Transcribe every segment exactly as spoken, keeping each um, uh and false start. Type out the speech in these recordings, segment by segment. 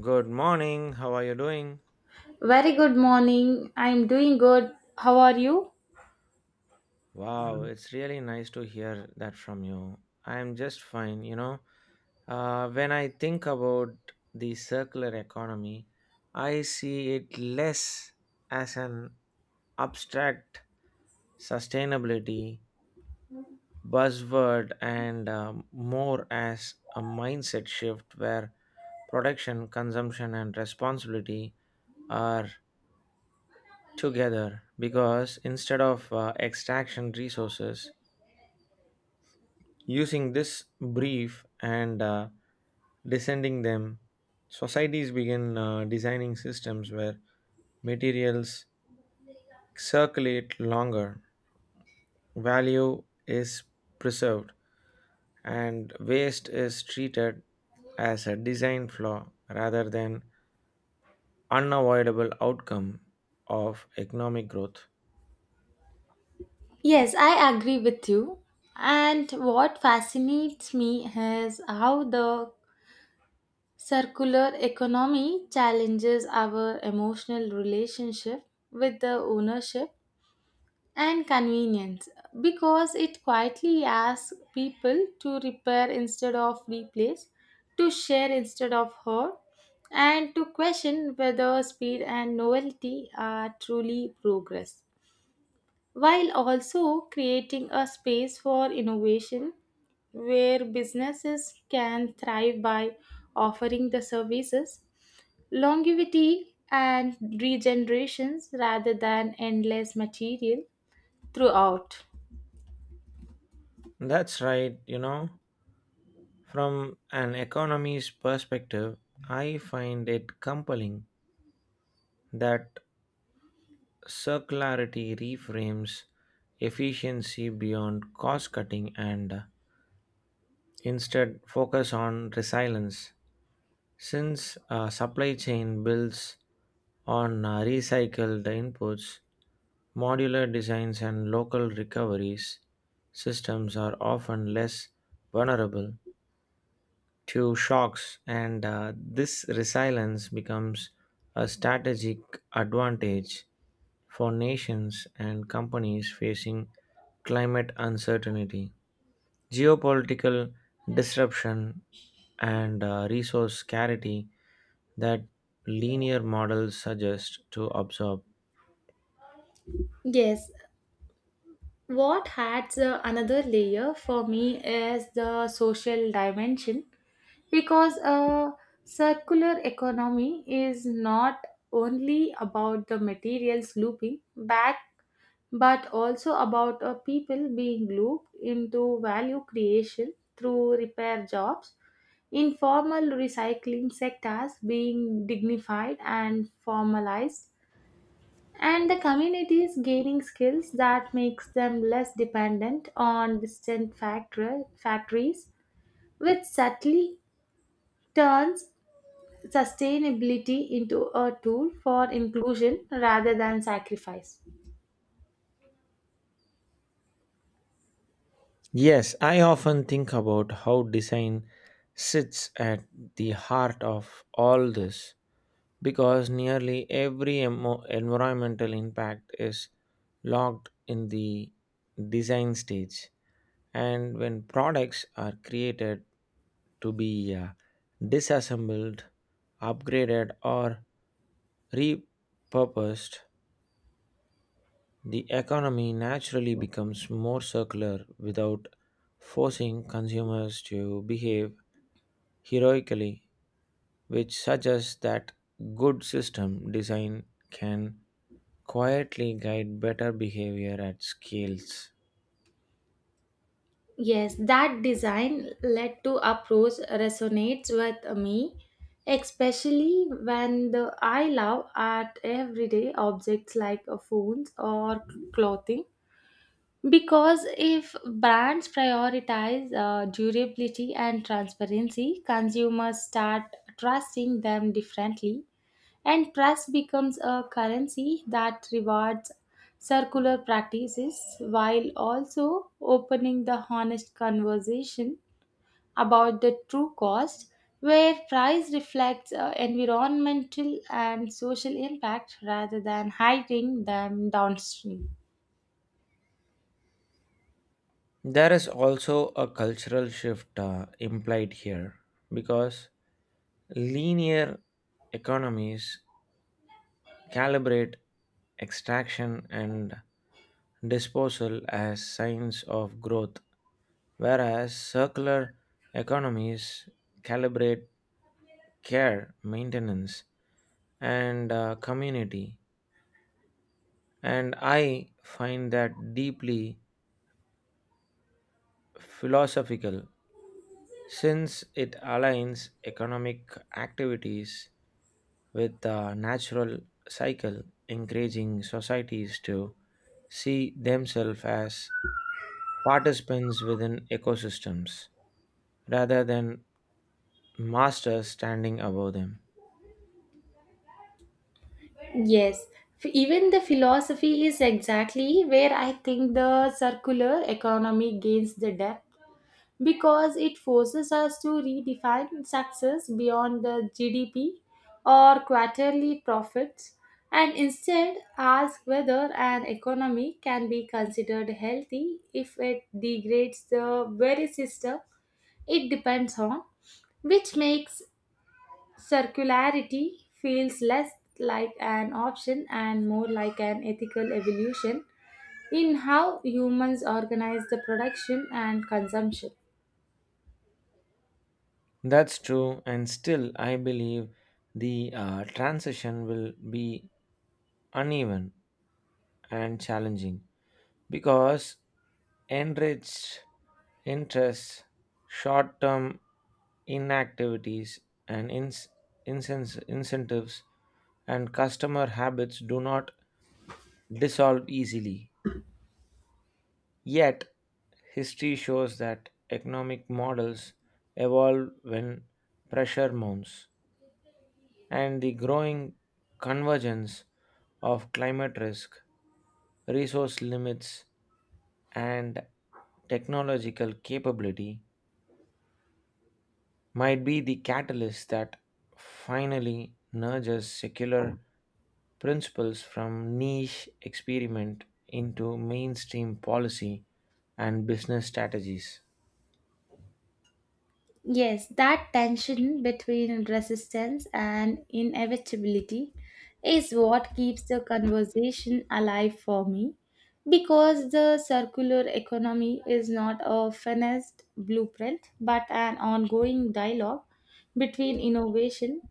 Good morning. How are you doing? Very good morning. I'm doing good. How are you? Wow, it's really nice to hear that from you. I'm just fine, you know. Uh, when I think about the circular economy, I see it less as an abstract sustainability buzzword and uh, more as a mindset shift where production, consumption, and responsibility are together because instead of uh, extraction resources using this brief and uh, descending them, societies begin uh, designing systems where materials circulate longer, value is preserved, and waste is treated as a design flaw rather than unavoidable outcome of economic growth. Yes, I agree with you. And what fascinates me is how the circular economy challenges our emotional relationship with the ownership and convenience, because it quietly asks people to repair instead of replace, to share instead of hurt, and to question whether speed and novelty are truly progress, while also creating a space for innovation where businesses can thrive by offering the services, longevity, and regenerations rather than endless material throughout. That's right, you know, from an economy's perspective, I find it compelling that circularity reframes efficiency beyond cost cutting and uh, instead focus on resilience. Since a supply chain builds on uh, recycled inputs, modular designs and local recoveries, systems are often less vulnerable to shocks, and uh, this resilience becomes a strategic advantage for nations and companies facing climate uncertainty, geopolitical disruption, and uh, resource scarcity that linear models suggest to absorb. Yes, what adds uh, another layer for me is the social dimension, because a circular economy is not only about the materials looping back but also about uh, people being looped into value creation through repair jobs, informal recycling sectors being dignified and formalized, and the communities gaining skills that makes them less dependent on distant factor- factories, which subtly turns sustainability into a tool for inclusion rather than sacrifice. Yes, I often think about how design sits at the heart of all this because nearly every emo- environmental impact is logged in the design stage. And when products are created to be uh, disassembled, upgraded, or repurposed, the economy naturally becomes more circular without forcing consumers to behave heroically, which suggests that good system design can quietly guide better behavior at scales. Yes, that design led to approach resonates with me, especially when the I love at everyday objects like uh, phones or clothing. Because if brands prioritize uh, durability and transparency, consumers start trusting them differently and trust becomes a currency that rewards circular practices, while also opening the honest conversation about the true cost, where price reflects uh, environmental and social impact rather than hiding them downstream. There is also a cultural shift uh, implied here because linear economies calibrate extraction and disposal as signs of growth, whereas circular economies calibrate care, maintenance, and uh, community. And I find that deeply philosophical since it aligns economic activities with the natural cycle, encouraging societies to see themselves as participants within ecosystems rather than masters standing above them. Yes, F- even the philosophy is exactly where I think the circular economy gains the depth, because it forces us to redefine success beyond the G D P or quarterly profits and instead ask whether an economy can be considered healthy if it degrades the very system it depends on, which makes circularity feels less like an option and more like an ethical evolution in how humans organize the production and consumption. That's true, and still, I believe the uh, transition will be uneven and challenging because enriched interests, short term inactivities, and ins- incens- incentives and customer habits do not dissolve easily. Yet, history shows that economic models evolve when pressure mounts, and the growing convergence of climate risk, resource limits, and technological capability might be the catalyst that finally nudges secular principles from niche experiment into mainstream policy and business strategies. Yes, that tension between resistance and inevitability is what keeps the conversation alive for me, because the circular economy is not a finessed blueprint but an ongoing dialogue between innovation,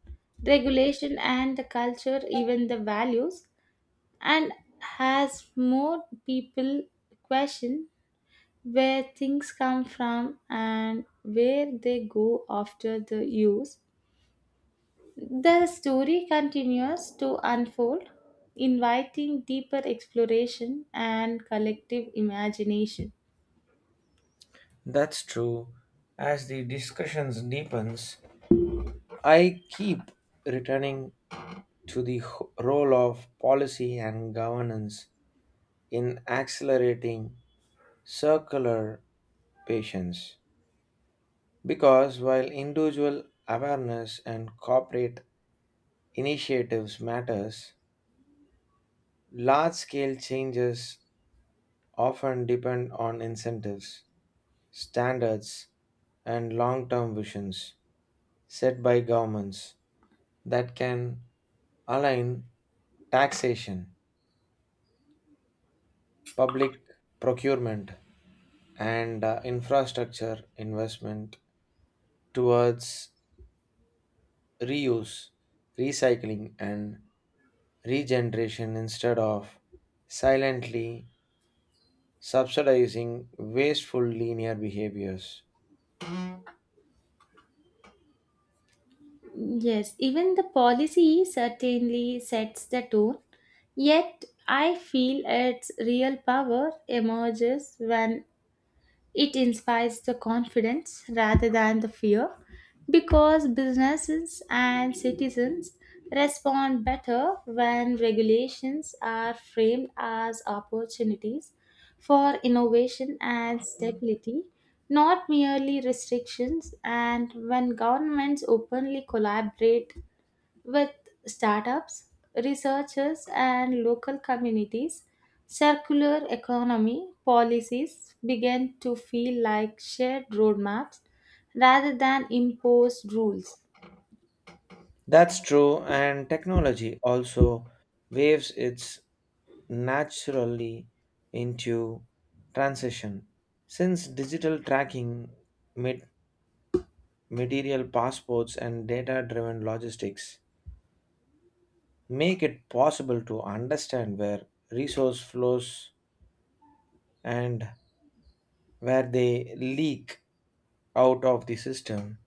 regulation, and the culture, even the values, and has more people question where things come from and where they go after the use. The story continues to unfold, inviting deeper exploration and collective imagination. That's true. As the discussions deepens, I keep returning to the h- role of policy and governance in accelerating circular patience because while individual awareness and corporate initiatives matters, large scale changes often depend on incentives, standards, and long term visions set by governments that can align taxation, public procurement, and uh, infrastructure investment towards reuse, recycling, and regeneration instead of silently subsidizing wasteful linear behaviors. Yes, even the policy certainly sets the tone, yet I feel its real power emerges when it inspires the confidence rather than the fear, because businesses and citizens respond better when regulations are framed as opportunities for innovation and stability, not merely restrictions, and when governments openly collaborate with startups, researchers, and local communities, circular economy policies began to feel like shared roadmaps rather than imposed rules. That's true, and technology also waves its naturally into transition. Since digital tracking, mat- material passports, and data driven logistics make it possible to understand where resource flows and where they leak out of the system,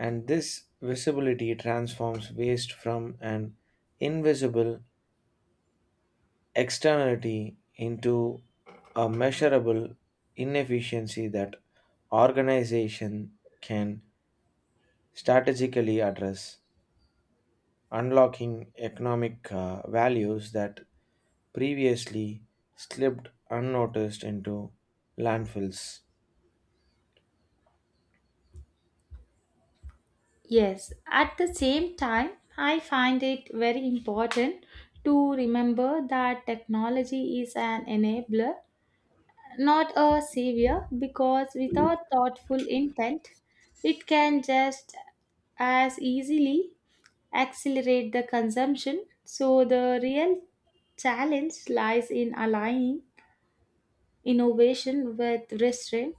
and this visibility transforms waste from an invisible externality into a measurable inefficiency that organization can strategically address, unlocking economic uh, values that previously slipped unnoticed into landfills. Yes, at the same time, I find it very important to remember that technology is an enabler, not a savior, because without thoughtful intent, it can just as easily accelerate the consumption. So, the real challenge lies in aligning innovation with restraint,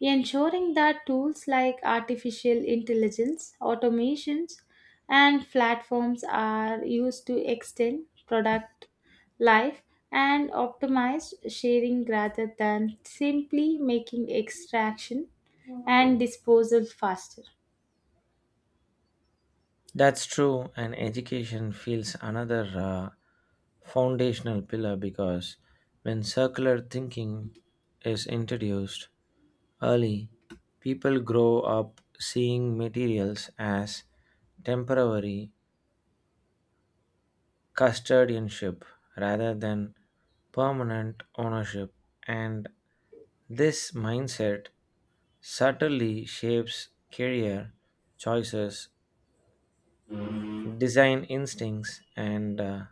ensuring that tools like artificial intelligence, automations, and platforms are used to extend product life and optimize sharing rather than simply making extraction and disposal faster. That's true, and education feels another uh, foundational pillar because when circular thinking is introduced early, people grow up seeing materials as temporary custodianship rather than permanent ownership, and this mindset subtly shapes career choices, design instincts, and uh,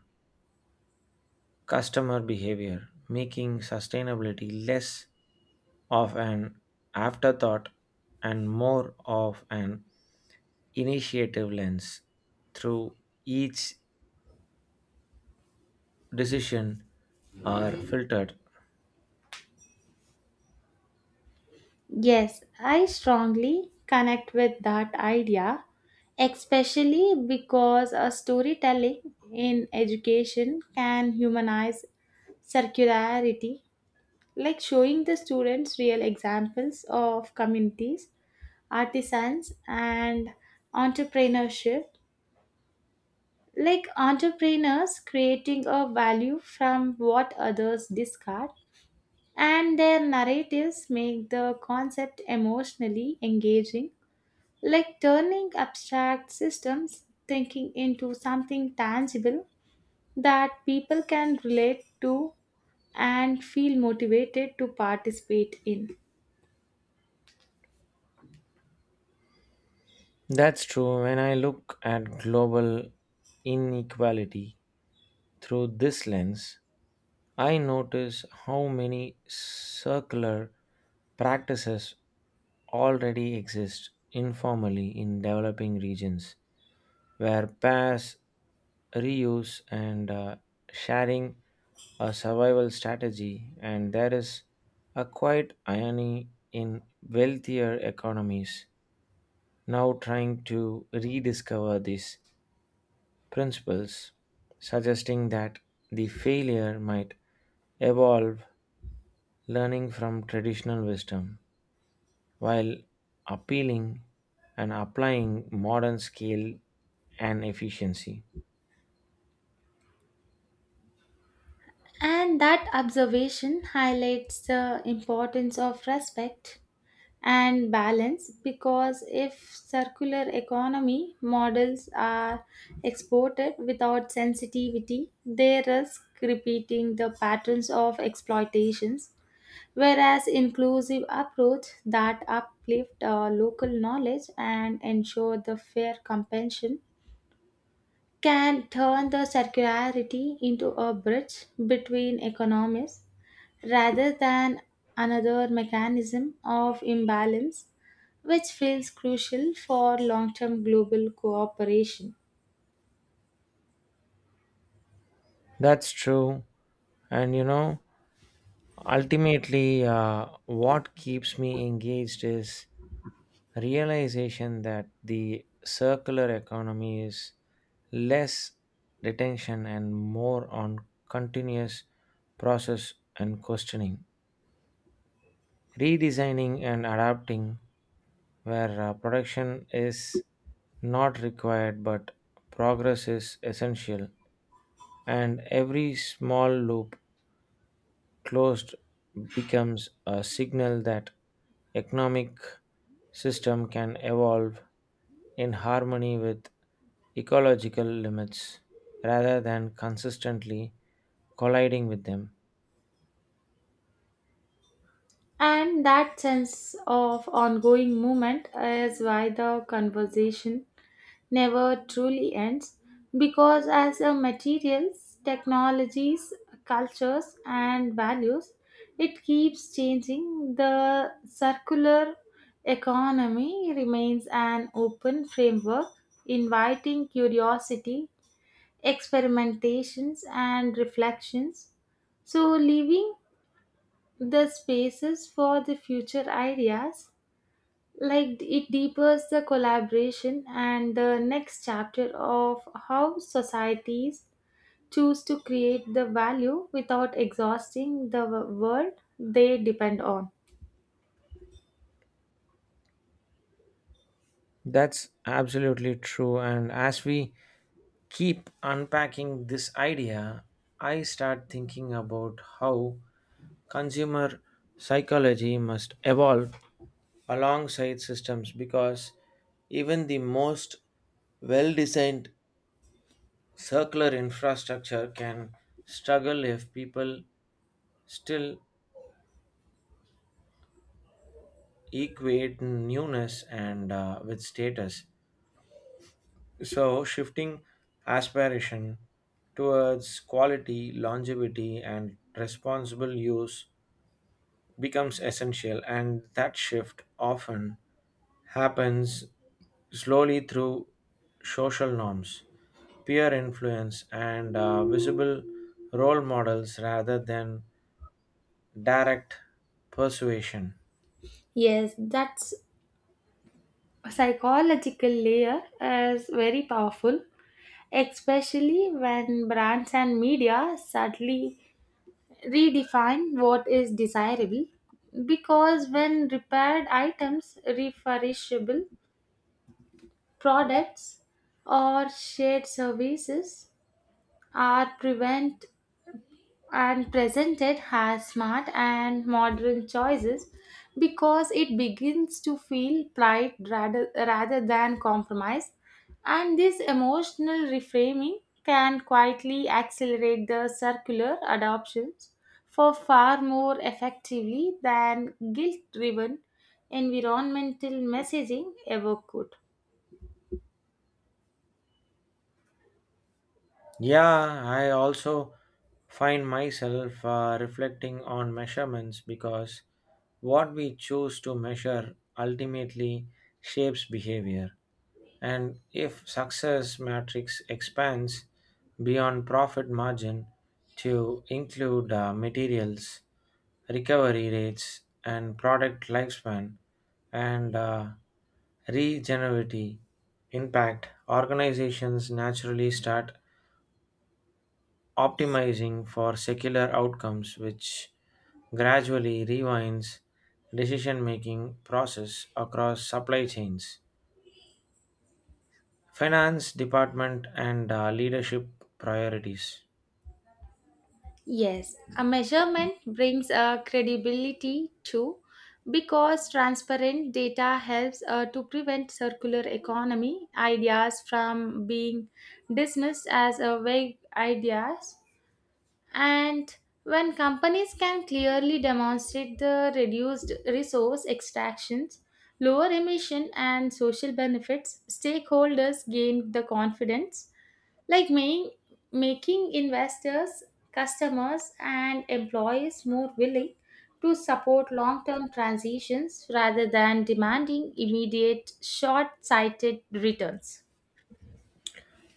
customer behavior, making sustainability less of an afterthought and more of an initiative lens through each decision are filtered. Yes, I strongly connect with that idea, especially because a storytelling in education can humanize circularity, like showing the students real examples of communities, artisans, and entrepreneurship, like entrepreneurs creating a value from what others discard, and their narratives make the concept emotionally engaging, like turning abstract systems thinking into something tangible that people can relate to and feel motivated to participate in. That's true. When I look at global inequality through this lens, I notice how many circular practices already exist informally in developing regions where pairs, reuse, and uh, sharing a survival strategy, and there is a quiet irony in wealthier economies now trying to rediscover these principles, suggesting that the failure might evolve learning from traditional wisdom while appealing and applying modern skill and efficiency. And that observation highlights the importance of respect and balance, because if circular economy models are exported without sensitivity, they risk repeating the patterns of exploitations, whereas inclusive approach that uplift uh, local knowledge and ensure the fair compensation can turn the circularity into a bridge between economies rather than another mechanism of imbalance, which feels crucial for long-term global cooperation. That's true. And you know, ultimately, uh, what keeps me engaged is realization that the circular economy is less retention and more on continuous process and questioning, redesigning and adapting where uh, production is not required but progress is essential and every small loop closed becomes a signal that economic system can evolve in harmony with ecological limits rather than consistently colliding with them. And that sense of ongoing movement is why the conversation never truly ends, because as a materials technologies cultures and values it keeps changing, the circular economy remains an open framework, inviting curiosity, experimentations and reflections, so leaving the spaces for the future ideas, like it deepens the collaboration and the next chapter of how societies choose to create the value without exhausting the w- world they depend on. That's absolutely true. And as we keep unpacking this idea, I start thinking about how consumer psychology must evolve alongside systems because even the most well designed circular infrastructure can struggle if people still equate newness and uh, with status. So shifting aspiration towards quality, longevity, and responsible use becomes essential, and that shift often happens slowly through social norms, peer influence, and uh, visible role models rather than direct persuasion. Yes, that's psychological layer is very powerful, especially when brands and media subtly redefine what is desirable, because when repaired items, refurbishable products, or shared services are prevent and presented as smart and modern choices, because it begins to feel pride rather, rather than compromise, and this emotional reframing can quietly accelerate the circular adoptions for far more effectively than guilt driven environmental messaging ever could. Yeah, I also find myself uh, reflecting on measurements because what we choose to measure ultimately shapes behavior. And if success matrix expands beyond profit margin to include uh, materials, recovery rates, and product lifespan, and uh, regenerative impact, organizations naturally start optimizing for secular outcomes which gradually rewinds decision making process across supply chains, finance department, and uh, leadership priorities. Yes, a measurement brings a credibility too, because transparent data helps uh, to prevent circular economy ideas from being dismissed as a vague ideas, and when companies can clearly demonstrate the reduced resource extractions, lower emission and social benefits, stakeholders gain the confidence, like making making investors, customers and employees more willing to support long-term transitions rather than demanding immediate short-sighted returns.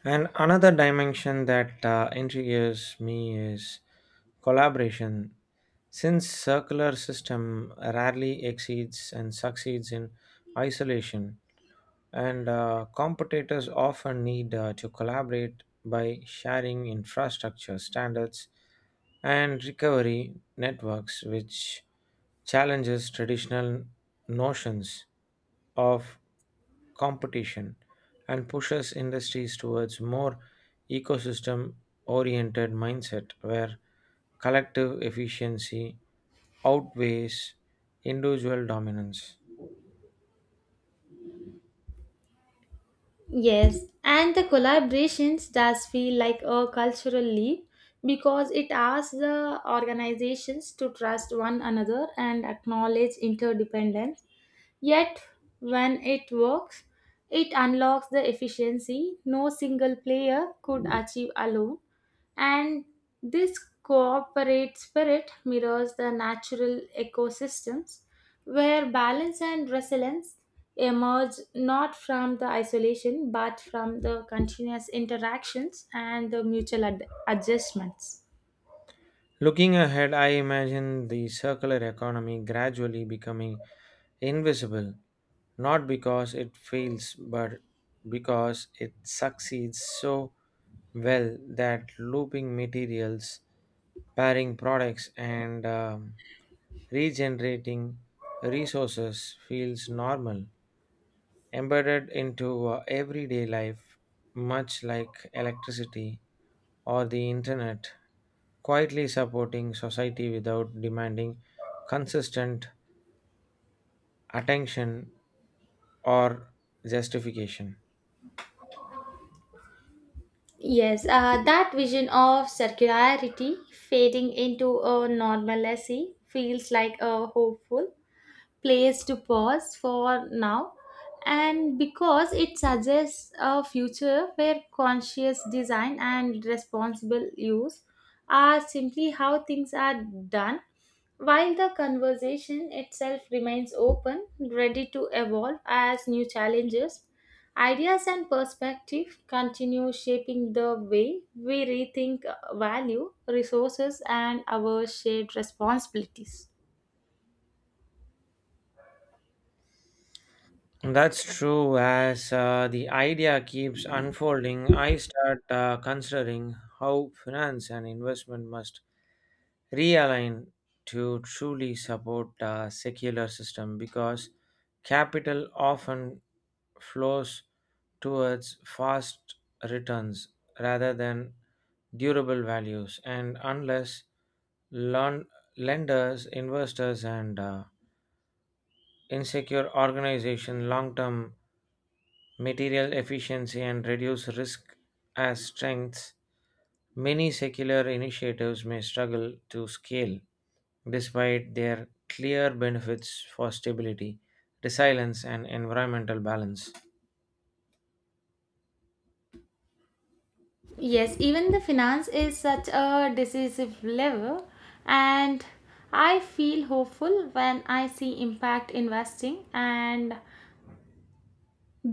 And another dimension that uh, intrigues me is collaboration, since circular system rarely exceeds and succeeds in isolation and uh, competitors often need uh, to collaborate by sharing infrastructure standards and recovery networks, which challenges traditional notions of competition and pushes industries towards more ecosystem oriented mindset where collective efficiency outweighs individual dominance. Yes, and the collaborations does feel like a cultural leap, because it asks the organizations to trust one another and acknowledge interdependence. Yet, when it works, it unlocks the efficiency no single player could achieve alone, and this cooperative spirit mirrors the natural ecosystems where balance and resilience emerge not from the isolation but from the continuous interactions and the mutual ad- adjustments. Looking ahead, I imagine the circular economy gradually becoming invisible, not because it fails, but because it succeeds so well that looping materials, pairing products, and um, regenerating resources feels normal, embedded into uh, everyday life, much like electricity or the internet, quietly supporting society without demanding consistent attention or justification. Yes, uh, that vision of circularity fading into a normalcy feels like a hopeful place to pause for now, and because it suggests a future where conscious design and responsible use are simply how things are done, while the conversation itself remains open, ready to evolve as new challenges, ideas and perspective continue shaping the way we rethink uh, value, resources and our shared responsibilities. That's true. As uh, the idea keeps unfolding, I start uh, considering how finance and investment must realign to truly support a secular system because capital often flows towards fast returns rather than durable values. And unless lon- lenders, investors, and uh, insecure organization, long term material efficiency, and reduce risk as strengths, many secular initiatives may struggle to scale despite their clear benefits for stability, resilience, and environmental balance. Yes, even the finance is such a decisive lever, and I feel hopeful when I see impact investing and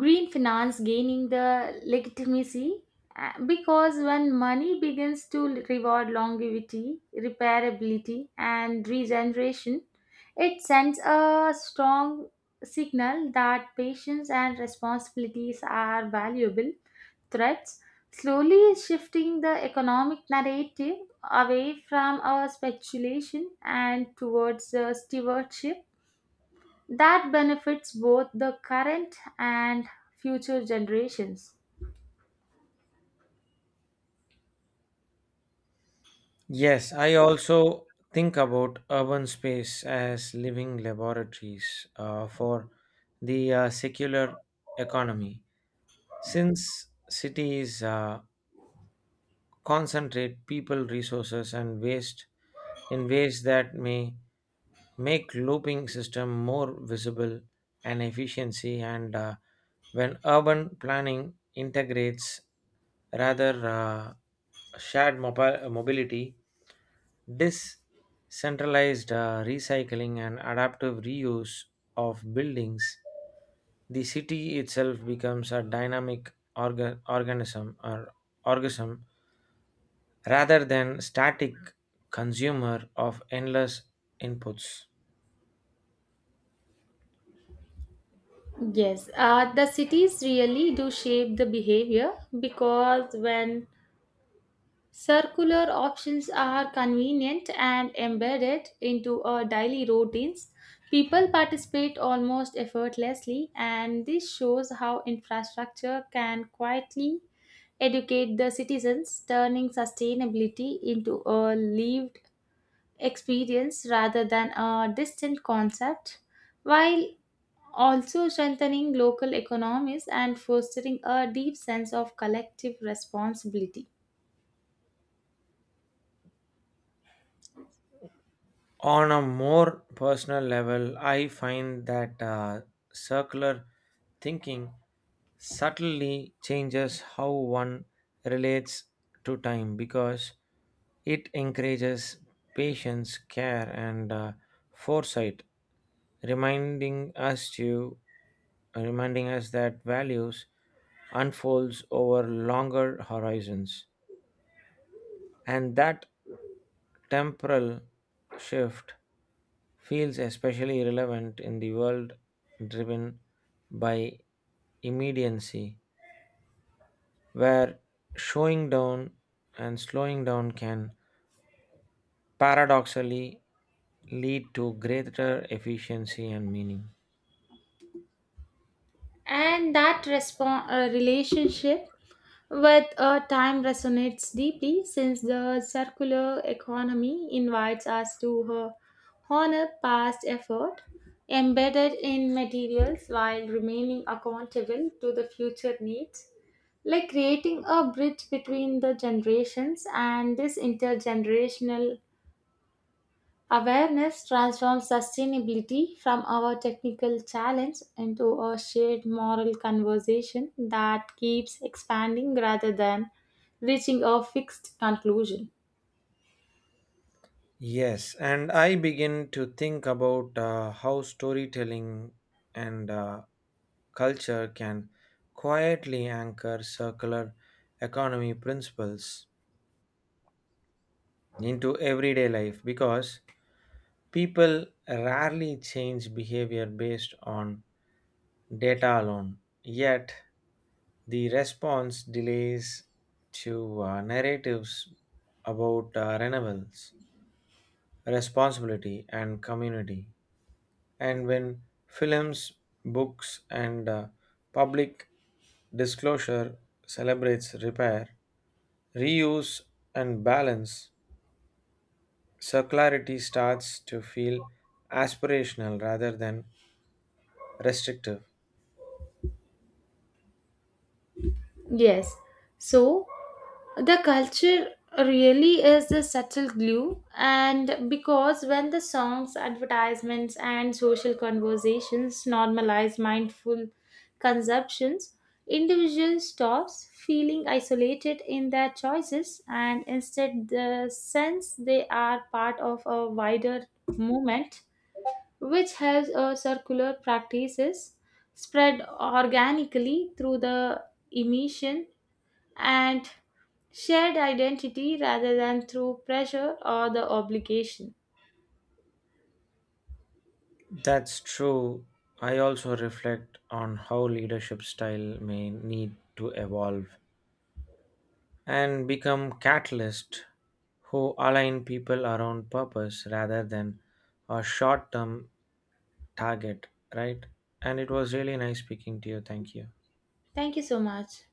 green finance gaining the legitimacy, uh, because when money begins to reward longevity, repairability, and regeneration, it sends a strong signal that patience and responsibilities are valuable threats, slowly shifting the economic narrative away from our speculation and towards the stewardship that benefits both the current and future generations. Yes, I also think about urban space as living laboratories uh, for the uh, secular economy. Since cities uh, concentrate people resources and waste in ways that may make looping system more visible and efficiency and uh, when urban planning integrates rather uh, shared mobi- mobility, decentralized uh, recycling and adaptive reuse of buildings, the city itself becomes a dynamic organ- organism or organism rather than static consumer of endless inputs. Yes, uh, the cities really do shape the behavior, because when circular options are convenient and embedded into our daily routines, people participate almost effortlessly, and this shows how infrastructure can quietly educate the citizens, turning sustainability into a lived experience rather than a distant concept, while also strengthening local economies and fostering a deep sense of collective responsibility. On a more personal level, I find that uh, circular thinking subtly changes how one relates to time because it encourages patience, care, and uh, foresight, reminding us to reminding us that values unfolds over longer horizons. And that temporal shift feels especially relevant in the world driven by immediacy, where showing down and slowing down can paradoxically lead to greater efficiency and meaning. And that respon- uh, relationship with uh, time resonates deeply, since the circular economy invites us to uh, honor past effort embedded in materials while remaining accountable to the future needs, like creating a bridge between the generations, and this intergenerational awareness transforms sustainability from our technical challenge into a shared moral conversation that keeps expanding rather than reaching a fixed conclusion. Yes, and I begin to think about uh, how storytelling and uh, culture can quietly anchor circular economy principles into everyday life because people rarely change behavior based on data alone. Yet, the response delays to uh, narratives about uh, renewables, responsibility, and community, and when films, books, and uh, public disclosure celebrates repair, reuse, and balance, circularity starts to feel aspirational rather than restrictive. Yes. So the culture really is the subtle glue, and because when the songs, advertisements and social conversations normalize mindful consumptions, individuals stops feeling isolated in their choices and instead the sense they are part of a wider movement, which helps a circular practices spread organically through the emission and shared identity rather than through pressure or the obligation. That's true. I also reflect on how leadership style may need to evolve and become catalyst who align people around purpose rather than a short-term target, right? And it was really nice speaking to you. Thank you. Thank you so much.